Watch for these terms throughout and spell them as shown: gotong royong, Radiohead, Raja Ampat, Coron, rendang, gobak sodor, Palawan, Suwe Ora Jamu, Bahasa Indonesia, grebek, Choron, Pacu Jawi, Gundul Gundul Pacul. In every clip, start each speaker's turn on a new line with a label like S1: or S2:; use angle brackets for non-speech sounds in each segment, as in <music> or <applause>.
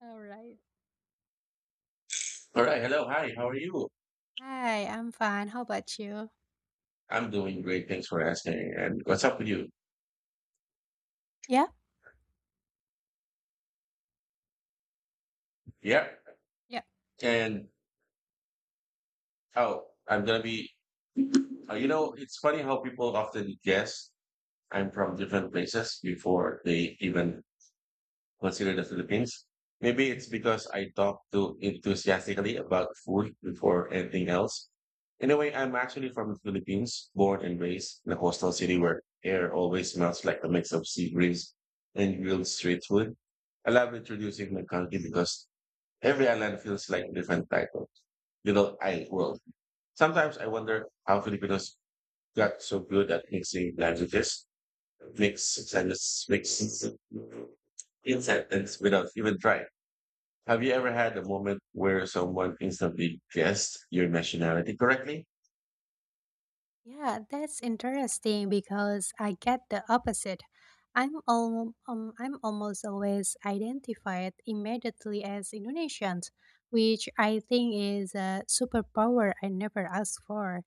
S1: Alright.
S2: All right. Hello. Hi. How are you?
S1: Hi, I'm fine. How about you?
S2: I'm doing great. Thanks for asking. And what's up with you?
S1: Yeah?
S2: Yeah.
S1: Yeah.
S2: And oh, I'm going to be, you know, It's funny how people often guess I'm from different places before they even consider the Philippines. Maybe it's because I talk too enthusiastically about food before anything else. In a way, I'm actually from the Philippines, born and raised in a coastal city where air always smells like a mix of sea breeze and grilled street food. I love introducing my country because every island feels like a different title, little island world. Sometimes I wonder how Filipinos got so good at mixing languages, mix sentences, mix in sentence without even trying. Have you ever had a moment where someone instantly guessed your nationality correctly?
S1: Yeah, that's interesting because I get the opposite. I'm almost always identified immediately as Indonesian, which I think is a superpower I never asked for.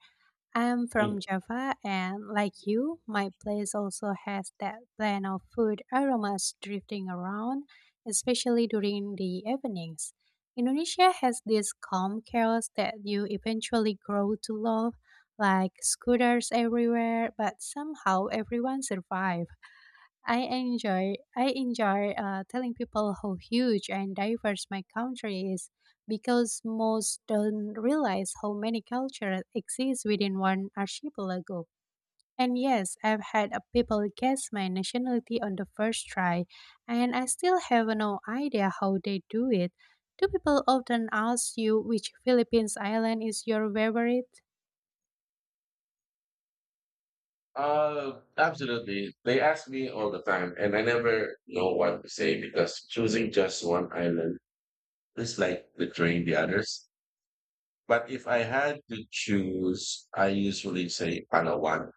S1: I am
S2: Mm.
S1: from Java, and like you, my place also has that blend of food aromas drifting around, especially during the evenings. Indonesia has this calm chaos that you eventually grow to love, like scooters everywhere, but somehow everyone survives. I enjoy telling people how huge and diverse my country is because most don't realize how many cultures exist within one archipelago. And yes, I've had people guess my nationality on the first try, and I still have no idea how they do it. Do people often ask you which Philippines island is your favorite?
S2: Absolutely. They ask me all the time, and I never know what to say because choosing just one island is like betraying the others. But if I had to choose, I usually say Palawan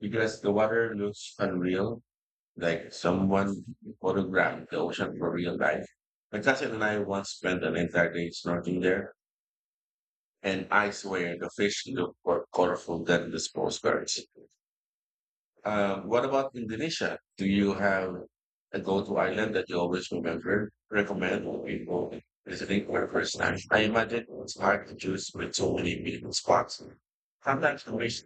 S2: because the water looks unreal, like someone photographed the ocean for real life. My cousin and I once spent an entire day snorkeling there, and I swear the fish look more colorful than the small birds. What about Indonesia? Do you have a go-to island that you always remember, recommend to people visiting for the first time? I imagine it's hard to choose with so many beautiful spots. Sometimes the wish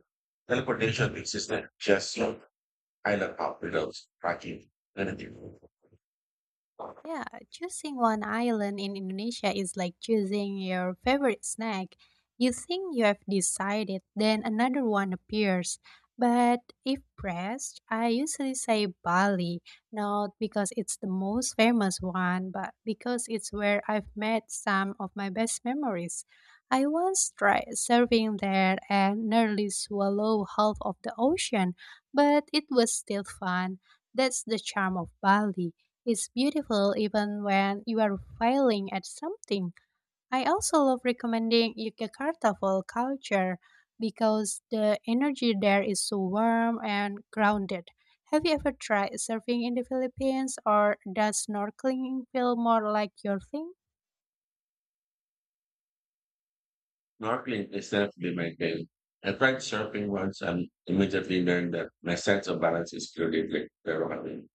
S2: teleportation is not just an island hop without tracking anything.
S1: Yeah, choosing one island in Indonesia is like choosing your favorite snack. You think you have decided, then another one appears. But if pressed, I usually say Bali, not because it's the most famous one, but because it's where I've made some of my best memories. I once tried surfing there and nearly swallowed half of the ocean, but it was still fun. That's the charm of Bali. It's beautiful even when you are failing at something. I also love recommending Yogyakarta for culture because the energy there is so warm and grounded. Have you ever tried surfing in the Philippines, or does snorkeling feel more like your thing?
S2: Snorkeling is definitely my game. I tried surfing once and immediately learned that my sense of balance is clearly very wrong.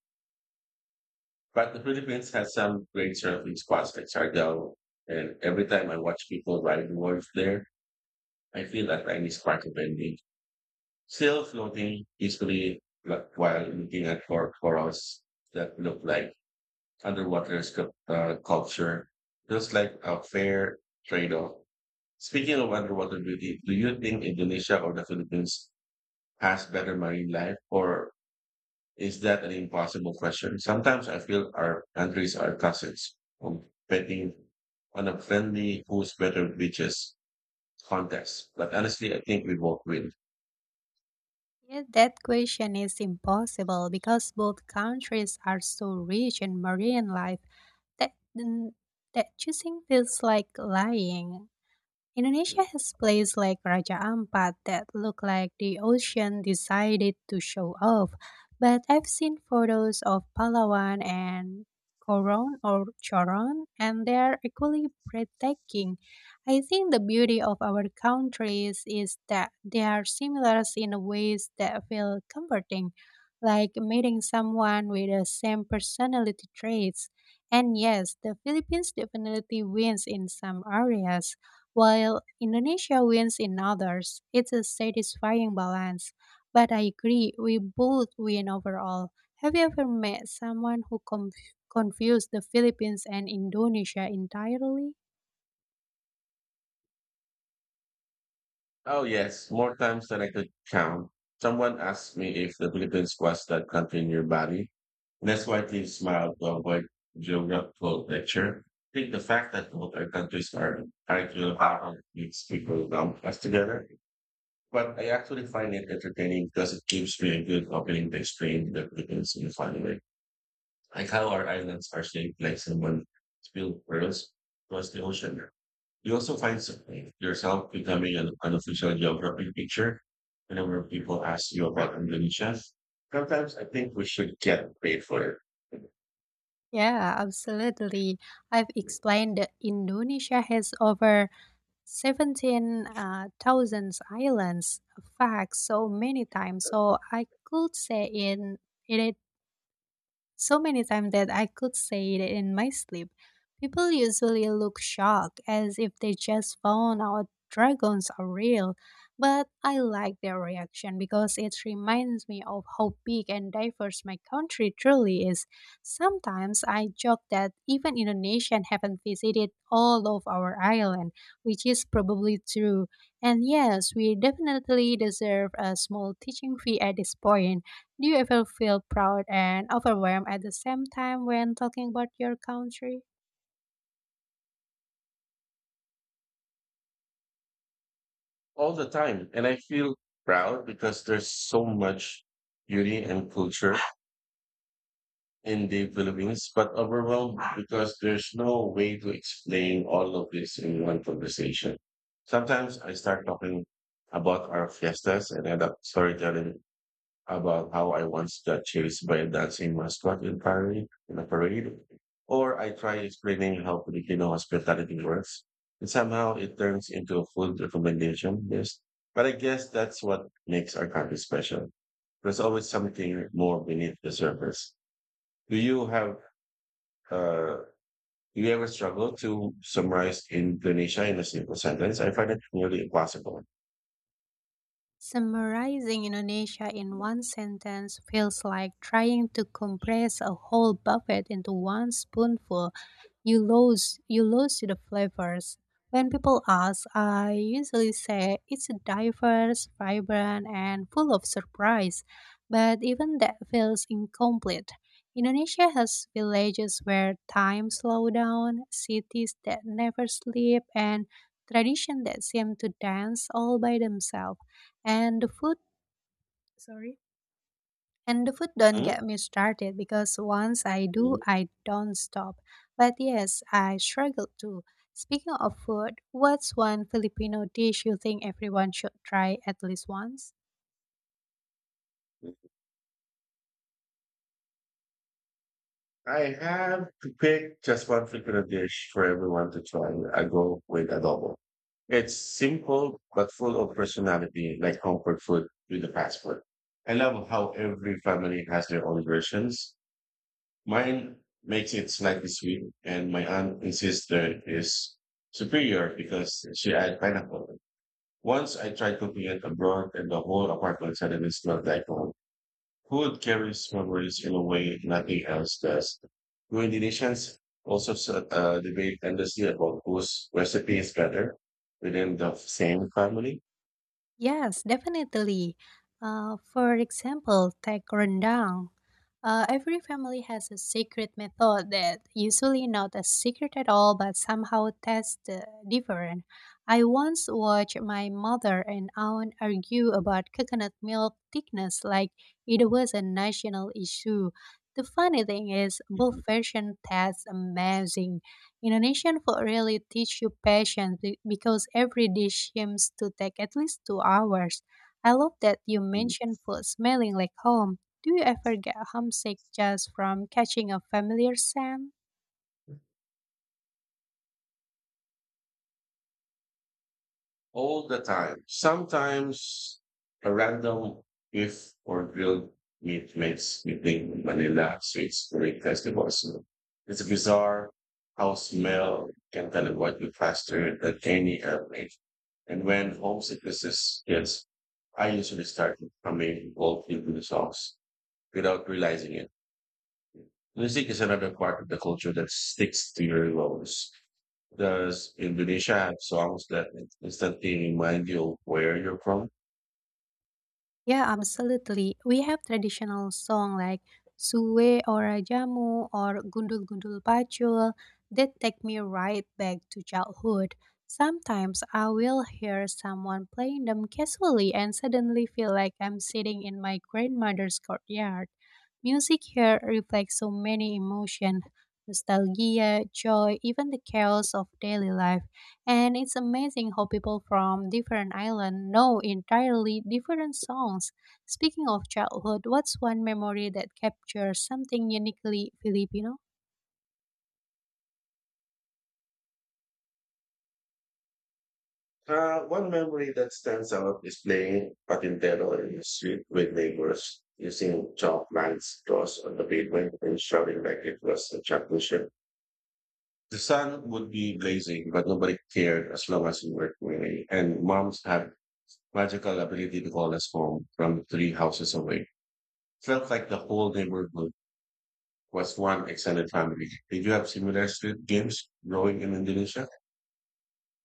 S2: But the Philippines has some great surfing spots like Siargao. And every time I watch people riding waves there, I feel that I miss Parkabending. Still floating peacefully like, while looking at corals that look like underwater culture. Feels like a fair trade-off. Speaking of underwater beauty, do you think Indonesia or the Philippines has better marine life, or is that an impossible question? Sometimes I feel our countries are cousins, competing on a friendly who's better beaches contest. But honestly, I think we both win.
S1: Yeah, that question is impossible because both countries are so rich in marine life that, mm, that choosing feels like lying. Indonesia has places like Raja Ampat that look like the ocean decided to show off, but I've seen photos of Palawan and Coron or Choron, and they are equally breathtaking. I think the beauty of our countries is that they are similar in ways that feel comforting, like meeting someone with the same personality traits. And yes, the Philippines definitely wins in some areas while Indonesia wins in others. It's a satisfying balance. But I agree, we both win overall. Have you ever met someone who confused the Philippines and Indonesia entirely?
S2: Oh yes, more times than I could count. Someone asked me if the Philippines was that country in your body. That's why I smiled to avoid geographical lecture. I think the fact that both our countries are actually how it makes people lump us together. But I actually find it entertaining because it gives me a good opening to explain the Philippines in a funny way. Like how our islands are shaped like someone spilled pearls across the ocean. You also find something yourself becoming an unofficial geography teacher whenever people ask you about Indonesia. Sometimes I think we should get paid for it
S1: Yeah, absolutely. I've explained that Indonesia has over 17,000 islands, facts, so many times. So I could say in it so many times that I could say it in my sleep. People usually look shocked as if they just found out dragons are real, but I like their reaction because it reminds me of how big and diverse my country truly is. Sometimes I joke that even Indonesians haven't visited all of our island, which is probably true. And yes, we definitely deserve a small teaching fee at this point. Do you ever feel proud and overwhelmed at the same time when talking about your country?
S2: all the time. And I feel proud because there's so much beauty and culture in the Philippines, but overwhelmed because there's no way to explain all of this in one conversation. Sometimes I start talking about our fiestas and end up storytelling about how I once got chased by a dancing mascot in parade, in a parade, or I try explaining how Filipino hospitality works, and somehow it turns into a food recommendation list. But I guess that's what makes our country special. There's always something more beneath the surface. Do you have uh, you ever struggle to summarize Indonesia in a single sentence? I find it nearly impossible.
S1: Summarizing Indonesia in one sentence feels like trying to compress a whole buffet into one spoonful. You lose the flavors. When people ask, I usually say it's diverse, vibrant, and full of surprise. But even that feels incomplete. Indonesia has villages where time slows down, cities that never sleep, and traditions that seem to dance all by themselves. And the food. Sorry. And the food, don't
S2: Mhm.
S1: get me started, because once I do, I don't stop. But yes, I struggle too. Speaking of food, what's one Filipino dish you think everyone should try at least once?
S2: I have to pick just one frequent dish for everyone to try. I go with adobo. It's simple but full of personality, like comfort food with a fast food. I love how every family has their own versions. Mine makes it slightly sweet, and my aunt insists that it is superior because she adds pineapple. Once I tried cooking it abroad and the whole apartment suddenly smelled like home. Food carries memories in a way nothing else does. Cuisinations also debate endlessly about whose recipe is better within the same family.
S1: Yes, definitely. For example, take rendang. Every family has a secret method that usually not a secret at all, but somehow tastes different. I once watched my mother and aunt argue about coconut milk thickness like it was a national issue. The funny thing is, both versions taste amazing. Indonesian food really teach you patience because every dish seems to take at least 2 hours. I love that you mentioned food smelling like home. Do you ever get homesick just from catching a familiar scent?
S2: All the time. Sometimes a random beef or grilled meat makes me think of Manila street food festivals. It's bizarre how smell can teleport you faster than any airplane. And when homesickness is hits, I usually start becoming involved into the songs without realizing it. Music is another part of the culture that sticks to your bones. Does Indonesia have songs that instantly remind you of where you're from?
S1: Yeah, absolutely. We have traditional song like Suwe Ora Jamu or Gundul Gundul Pacul that take me right back to childhood. Sometimes I will hear someone playing them casually and suddenly feel like I'm sitting in my grandmother's courtyard. Music here reflects so many emotions: nostalgia, joy, even the chaos of daily life. And it's amazing how people from different islands know entirely different songs. Speaking of childhood, what's one memory that captures something uniquely Filipino?
S2: One memory that stands out is playing patintero in the street with neighbors, using chalk lines draws on the pavement and shouting like it was a championship. The sun would be blazing, but nobody cared as long as we were winning. And moms had magical ability to call us home from three houses away. Felt like the whole neighborhood was one extended family. Did you have similar street games growing in Indonesia?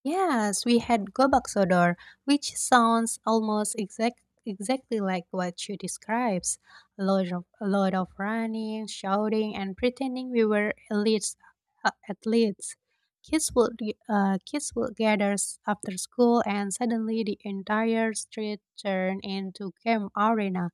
S1: Yes, we had gobak sodor, which sounds almost exactly like what you describes. A lot of running, shouting, and pretending we were athletes. Kids would gather after school, and suddenly the entire street turned into game arena.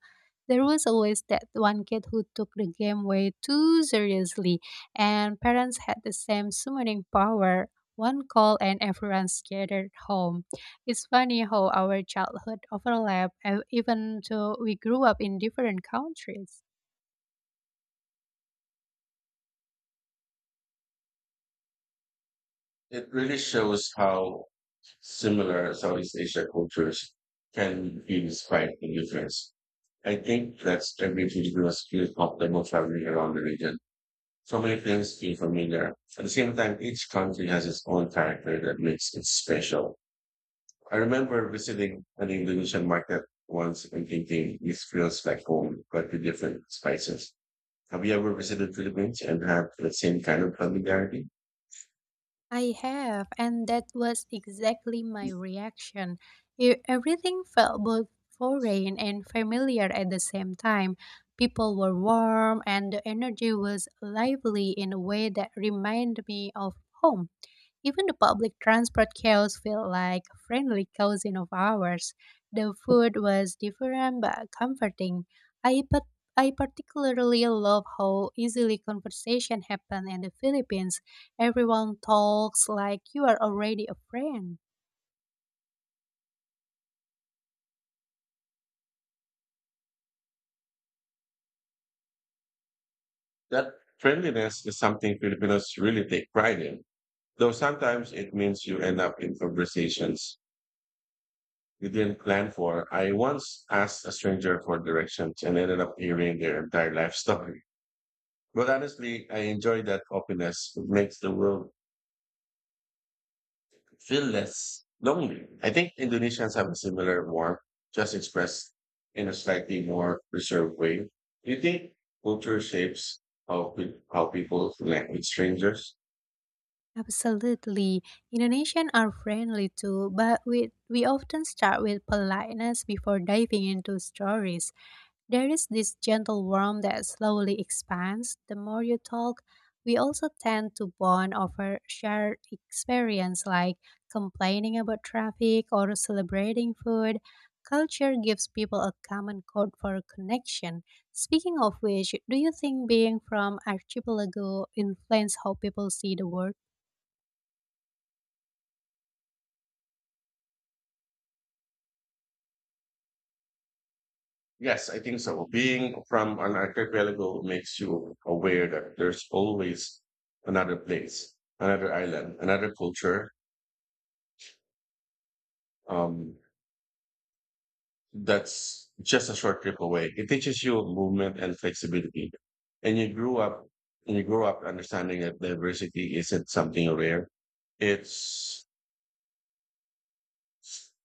S1: There was always that one kid who took the game way too seriously, and parents had the same summoning power, one call and everyone's gathered home. It's funny how our childhood overlap, even though we grew up in different countries.
S2: It really shows how similar Southeast Asia cultures can be despite the difference. I think that's everything to do us feel comfortable traveling around the region. So many things feel familiar. At the same time, each country has its own character that makes it special. I remember visiting an Indonesian market once and thinking, this feels like home, but with different spices. Have you ever visited Philippines and had the same kind of familiarity?
S1: I have, and that was exactly my reaction. Everything felt both foreign and familiar at the same time. People were warm, and the energy was lively in a way that reminded me of home. Even the public transport chaos felt like a friendly cousin of ours. The food was different but comforting. I particularly love how easily conversation happened in the Philippines. Everyone talks like you are already a friend.
S2: That friendliness is something Filipinos really take pride in, though sometimes it means you end up in conversations you didn't plan for. I once asked a stranger for directions and ended up hearing their entire life <laughs> story. But honestly, I enjoy that openness. It makes the world feel less lonely. I think Indonesians have a similar warmth, just expressed in a slightly more reserved way. Do you think culture shapes how people connect with strangers?
S1: Absolutely. Indonesians are friendly too, but we often start with politeness before diving into stories. There is this gentle warmth that slowly expands the more you talk. We also tend to bond over shared experience like complaining about traffic or celebrating food. Culture gives people a common code for connection. Speaking of which, do you think being from Archipelago influences how people see the world?
S2: Yes, I think so. Being from an archipelago makes you aware that there's always another place, another island, another culture. Um, that's just a short trip away. It teaches you movement and flexibility. And you grow up understanding that diversity isn't something rare. It's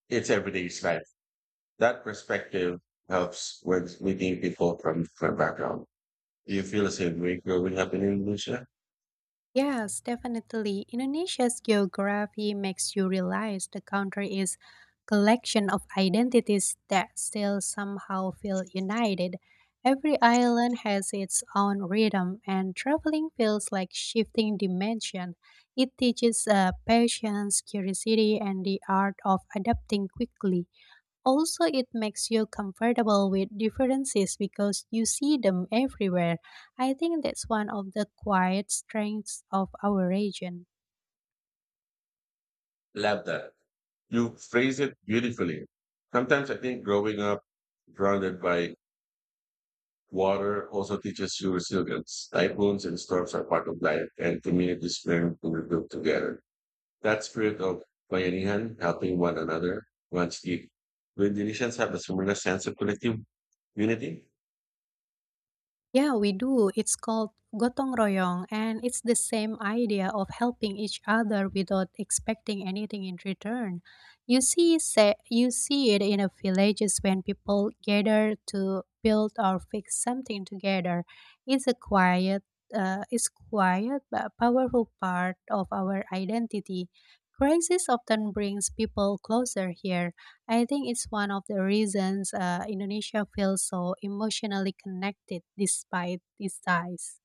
S2: it's everyday life. That perspective helps when meeting people from different background. Do you feel the same way growing up in Indonesia?
S1: Yes, definitely. Indonesia's geography makes you realize the country is collection of identities that still somehow feel united. Every island has its own rhythm, and traveling feels like shifting dimension. It teaches patience, curiosity, and the art of adapting quickly. Also, it makes you comfortable with differences because you see them everywhere. I think that's one of the quiet strengths of our region.
S2: Love that. You phrase it beautifully. Sometimes I think growing up grounded by water also teaches you resilience. Typhoons and storms are part of life, and communities learn to rebuild together. That spirit of bayanihan, helping one another, runs deep. Do Indonesians have a similar sense of collective unity?
S1: Yeah, we do. It's called gotong royong, and it's the same idea of helping each other without expecting anything in return. You see it in a villages when people gather to build or fix something together. It's a It's quiet but powerful part of our identity. Crisis often brings people closer here. I think it's one of the reasons Indonesia feels so emotionally connected despite its size.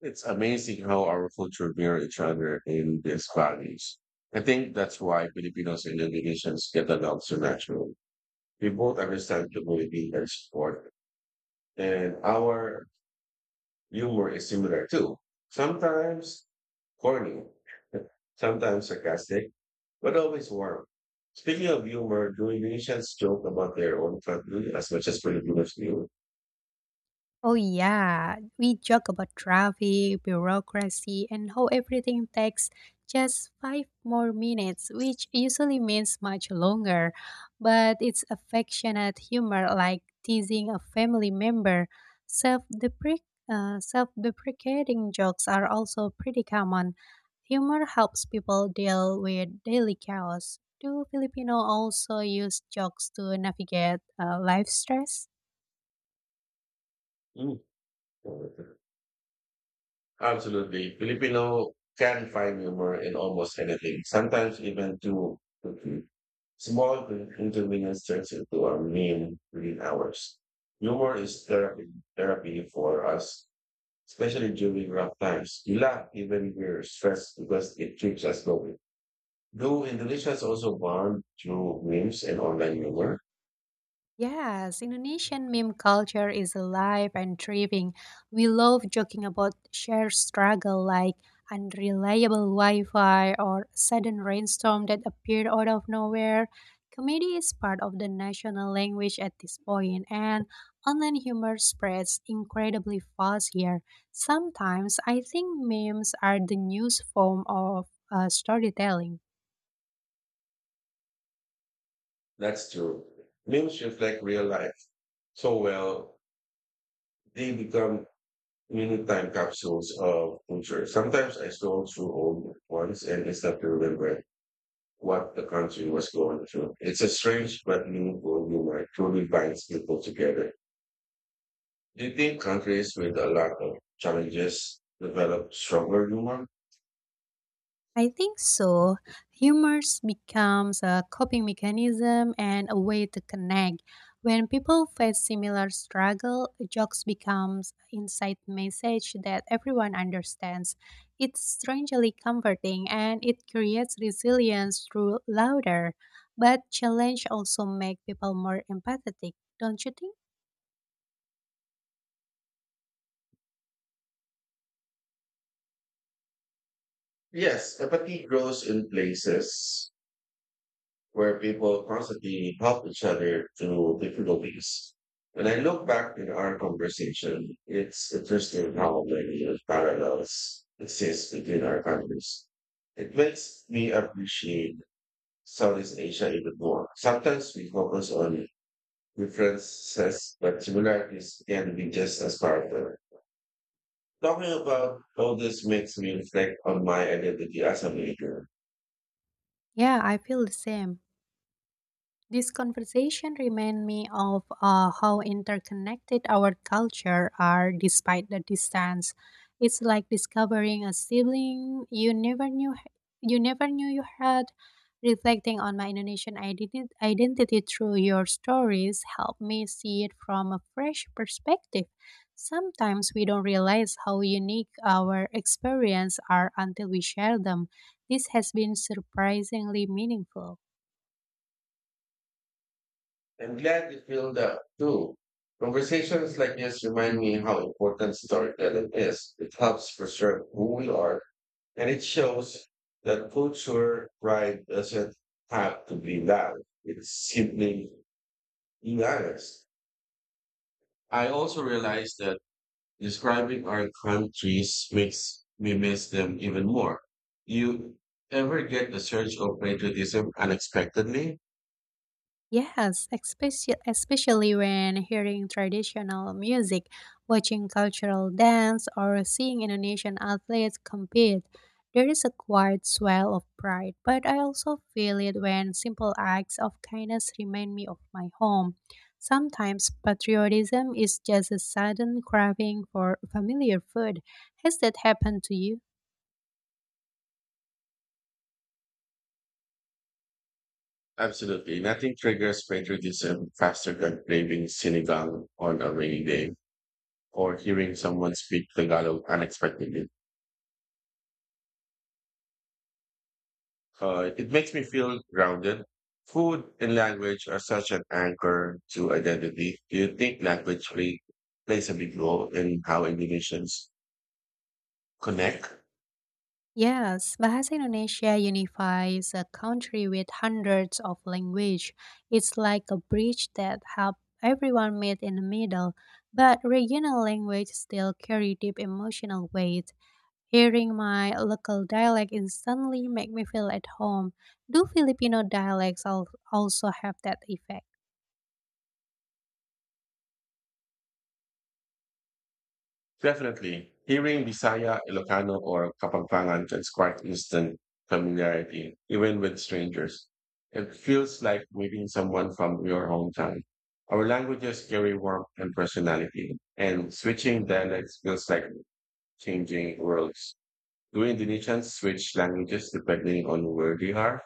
S2: It's amazing how our culture mirror each other in these values. I think that's why Filipinos and Indonesians get along so naturally. We both understand community and support, and our humor is similar too. Sometimes corny, <laughs> sometimes sarcastic, but always warm. Speaking of humor, do Indonesians joke about their own country as much as Filipinos do?
S1: Oh, yeah. We joke about traffic, bureaucracy, and how everything takes just five more minutes, which usually means much longer. But it's affectionate humor like teasing a family member. Self- deprecating jokes are also pretty common. Humor helps people deal with daily chaos. Do Filipino also use jokes to navigate life stress?
S2: Mm. Absolutely. Filipino can find humor in almost anything, sometimes even to small inconvenience turns into a meme within hours. Humor is therapy for us, especially during rough times. We laugh even when we're stressed because it keeps us going. Though Indonesia is also born through memes and online humor.
S1: Yes, Indonesian meme culture is alive and thriving. We love joking about shared struggle like unreliable Wi-Fi or sudden rainstorm that appeared out of nowhere. Comedy is part of the national language at this point, and online humor spreads incredibly fast here. Sometimes I think memes are the newest form of storytelling.
S2: That's true. Memes reflect real life so well, they become mini time capsules of culture. Sometimes I scroll through old ones and instantly remember what the country was going through. It's a strange but meaningful humor truly binds people together. Do you think countries with a lot of challenges develop stronger humor?
S1: I think so. Humor becomes a coping mechanism and a way to connect. When people face similar struggle, jokes becomes inside message that everyone understands. It's strangely comforting and it creates resilience through laughter. But challenge also make people more empathetic, don't you think?
S2: Yes, empathy grows in places where people constantly help each other through difficulties. When I look back in our conversation, it's interesting how many parallels exist between our countries. It makes me appreciate Southeast Asia even more. Sometimes we focus on differences, but similarities can be just as powerful. Talking about all this makes me reflect on my identity as a maker.
S1: Yeah, I feel the same. This conversation reminded me of how interconnected our culture are despite the distance. It's like discovering a sibling you never knew you had. Reflecting on my Indonesian identity through your stories helped me see it from a fresh perspective. Sometimes we don't realize how unique our experiences are until we share them. This has been surprisingly meaningful.
S2: I'm glad you feel that too. Conversations like this remind me how important storytelling is. It helps preserve who we are, and it shows that culture pride doesn't have to be loud. It's simply being honest. I also realized that describing our countries makes me miss them even more. You ever get the surge of patriotism unexpectedly?
S1: Yes, especially when hearing traditional music, watching cultural dance, or seeing Indonesian athletes compete, there is a quiet swell of pride. But I also feel it when simple acts of kindness remind me of my home. Sometimes patriotism is just a sudden craving for familiar food. Has that happened to you?
S2: Absolutely. Nothing triggers patriotism faster than craving sinigang on a rainy day or hearing someone speak Tagalog unexpectedly. It makes me feel grounded. Food and language are such an anchor to identity. Do you think plays a big role in how Indonesians connect?
S1: Yes, Bahasa Indonesia unifies a country with hundreds of language. It's like a bridge that helps everyone meet in the middle, but regional language still carry deep emotional weight. Hearing my local dialect instantly make me feel at home. Do Filipino dialects also have that effect?
S2: Definitely. Hearing Bisaya, Ilocano, or Kapampangan can spark instant familiarity, even with strangers. It feels like meeting someone from your hometown. Our languages carry warmth and personality, and switching dialects feels like changing worlds. Do Indonesians switch languages depending on where they are?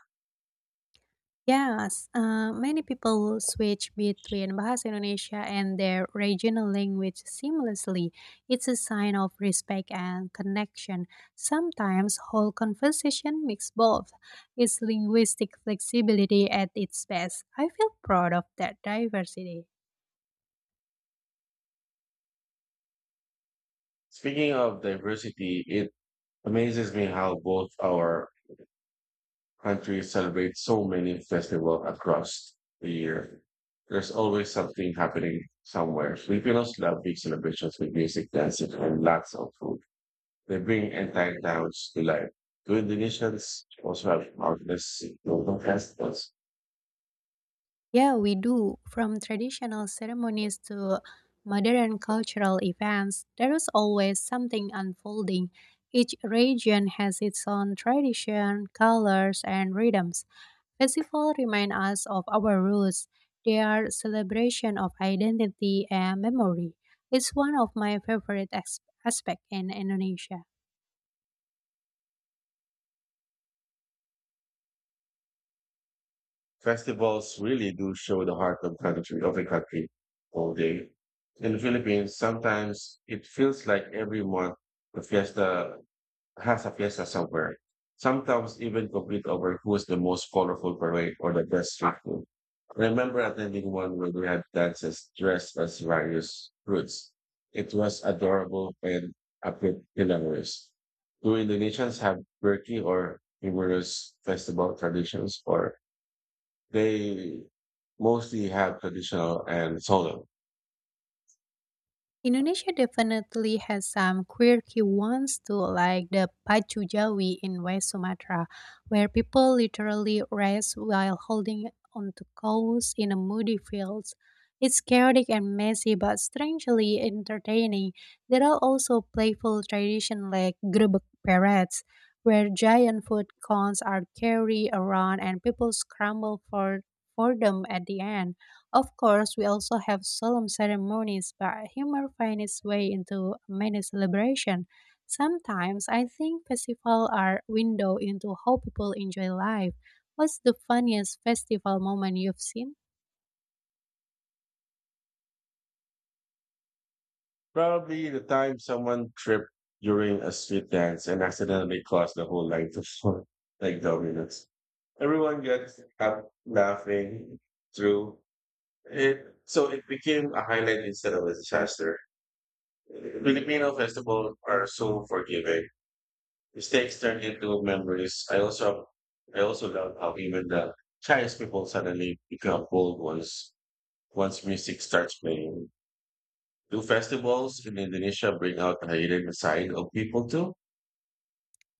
S1: Yes, many people switch between Bahasa Indonesia and their regional language seamlessly. It's a sign of respect and connection. Sometimes whole conversation mix both. It's linguistic flexibility at its best. I feel proud of that diversity.
S2: Speaking of diversity, it amazes me how both our country celebrates so many festivals across the year. There's always something happening somewhere. Filipinos love big celebrations with music, dancing, and lots of food. They bring entire towns to life. To Indonesians also have countless local festivals.
S1: Yeah, we do. From traditional ceremonies to modern cultural events, there is always something unfolding. Each region has its own tradition, colors, and rhythms. Festivals remind us of our roots. They are celebration of identity and memory. It's one of my favorite aspects in Indonesia.
S2: Festivals really do show the heart of country of a country all day. In the Philippines, sometimes it feels like every month the fiesta has a fiesta somewhere. Sometimes even compete over who is the most colorful parade or the best street food. I remember attending one where they had dancers dressed as various fruits. It was adorable and a bit hilarious. Do Indonesians have quirky or humorous festival traditions, or they mostly have traditional and solemn?
S1: Indonesia definitely has some quirky ones too, like the Pacu Jawi in West Sumatra, where people literally race while holding onto cows in a moody fields. It's chaotic and messy, but strangely entertaining. There are also playful traditions like grebek parades, where giant food cones are carried around and people scramble for them at the end. Of course, we also have solemn ceremonies, but humor finds its way into many celebrations. Sometimes I think festivals are window into how people enjoy life. What's the funniest festival moment you've seen?
S2: Probably the time someone tripped during a street dance and accidentally caused the whole line to fall <laughs> like dominoes. Everyone got up laughing through it, so it became a highlight instead of a disaster. Filipino festivals are so forgiving. Mistakes turn into memories. I also love how even the Chinese people suddenly become bold once music starts playing. Do festivals in Indonesia bring out the hidden side of people too?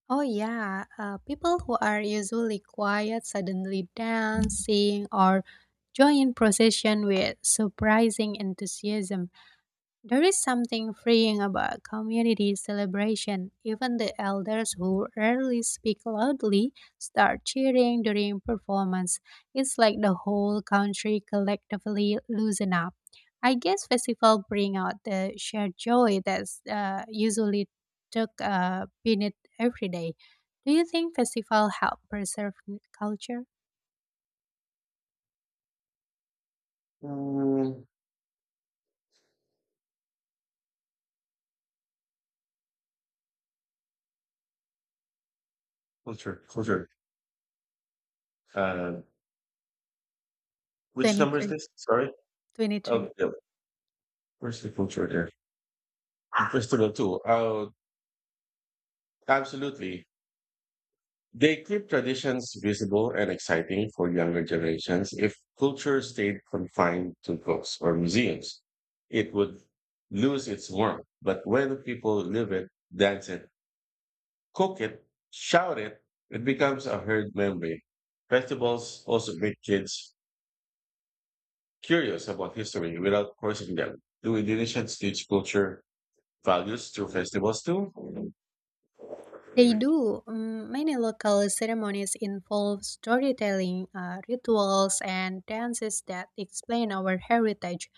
S1: Oh yeah, people who are usually quiet suddenly dance, sing, or join procession with surprising enthusiasm. There is something freeing about community celebration. Even the elders who rarely speak loudly start cheering during performance. It's like the whole country collectively loosen up. I guess festival bring out the shared joy that's usually took beneath every day. Do you think festival help preserve culture?
S2: Mm, culture, culture. Uh, which number is
S1: 23.
S2: this? Sorry. Oh,
S1: 23.
S2: yeah. Where's the culture there? Festival too. Oh, absolutely. They keep traditions visible and exciting for younger generations. If culture stayed confined to books or museums, it would lose its warmth. But when people live it, dance it, cook it, shout it, it becomes a herd memory. Festivals also make kids curious about history without forcing them. Do Indonesians teach culture values through festivals too?
S1: They do. Mm, many local ceremonies involve storytelling, rituals, and dances that explain our heritage.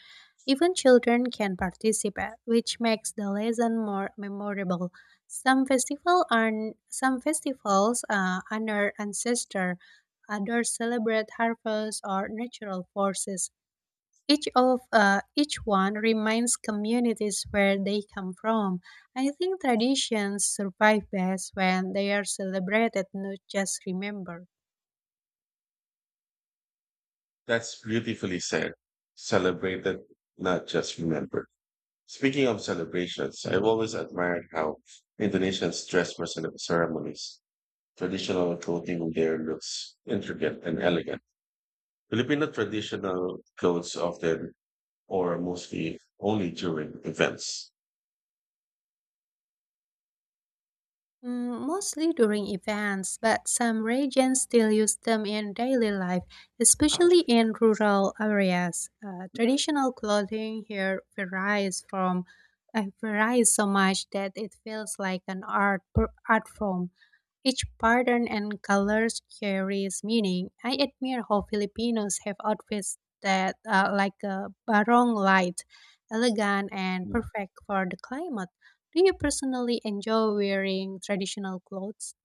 S1: Even children can participate, which makes the lesson more memorable. Some festival are some festivals honor ancestor, others celebrate harvest or natural forces. Each one reminds communities where they come from. I think traditions survive best when they are celebrated, not just remembered.
S2: That's beautifully said. Celebrated, not just remembered. Speaking of celebrations, I've always admired how Indonesians dress for ceremonies. Traditional clothing there looks intricate and elegant. Filipino traditional clothes often or mostly only during events.
S1: Mm, mostly during events, but some regions still use them in daily life, especially in rural areas. Traditional clothing here varies so much that it feels like an art form. Each pattern and colors carries meaning. I admire how Filipinos have outfits that are like a barong light, elegant and perfect for the climate. Do you personally enjoy wearing traditional clothes?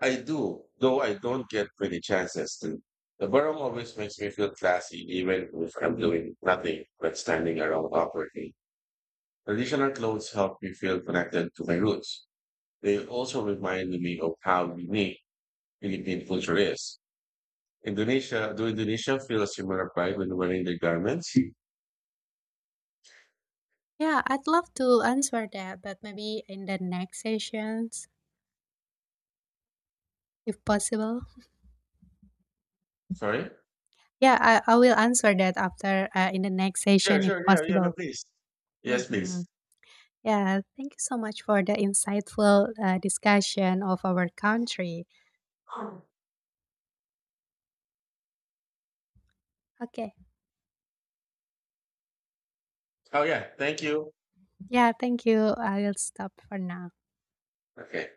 S2: I do, though I don't get many chances to. The Borough always makes me feel classy, even if I'm doing nothing but standing around awkwardly. Traditional clothes help me feel connected to my roots. They also remind me of how unique Philippine culture is. Indonesia, do Indonesia feel a similar pride when wearing their garments?
S1: Yeah, I'd love to answer that, but maybe in the next sessions, if possible.
S2: Sorry?
S1: Yeah, I will answer that after in the next
S2: Sure,
S1: session, if
S2: sure, yeah, yeah, no,
S1: possible.
S2: please. Yes,
S1: Hmm.
S2: please.
S1: Yeah, thank you so much for the insightful discussion of our country.
S2: Oh,
S1: Okay.
S2: yeah, thank you.
S1: Yeah, thank you. I'll stop for now.
S2: Okay.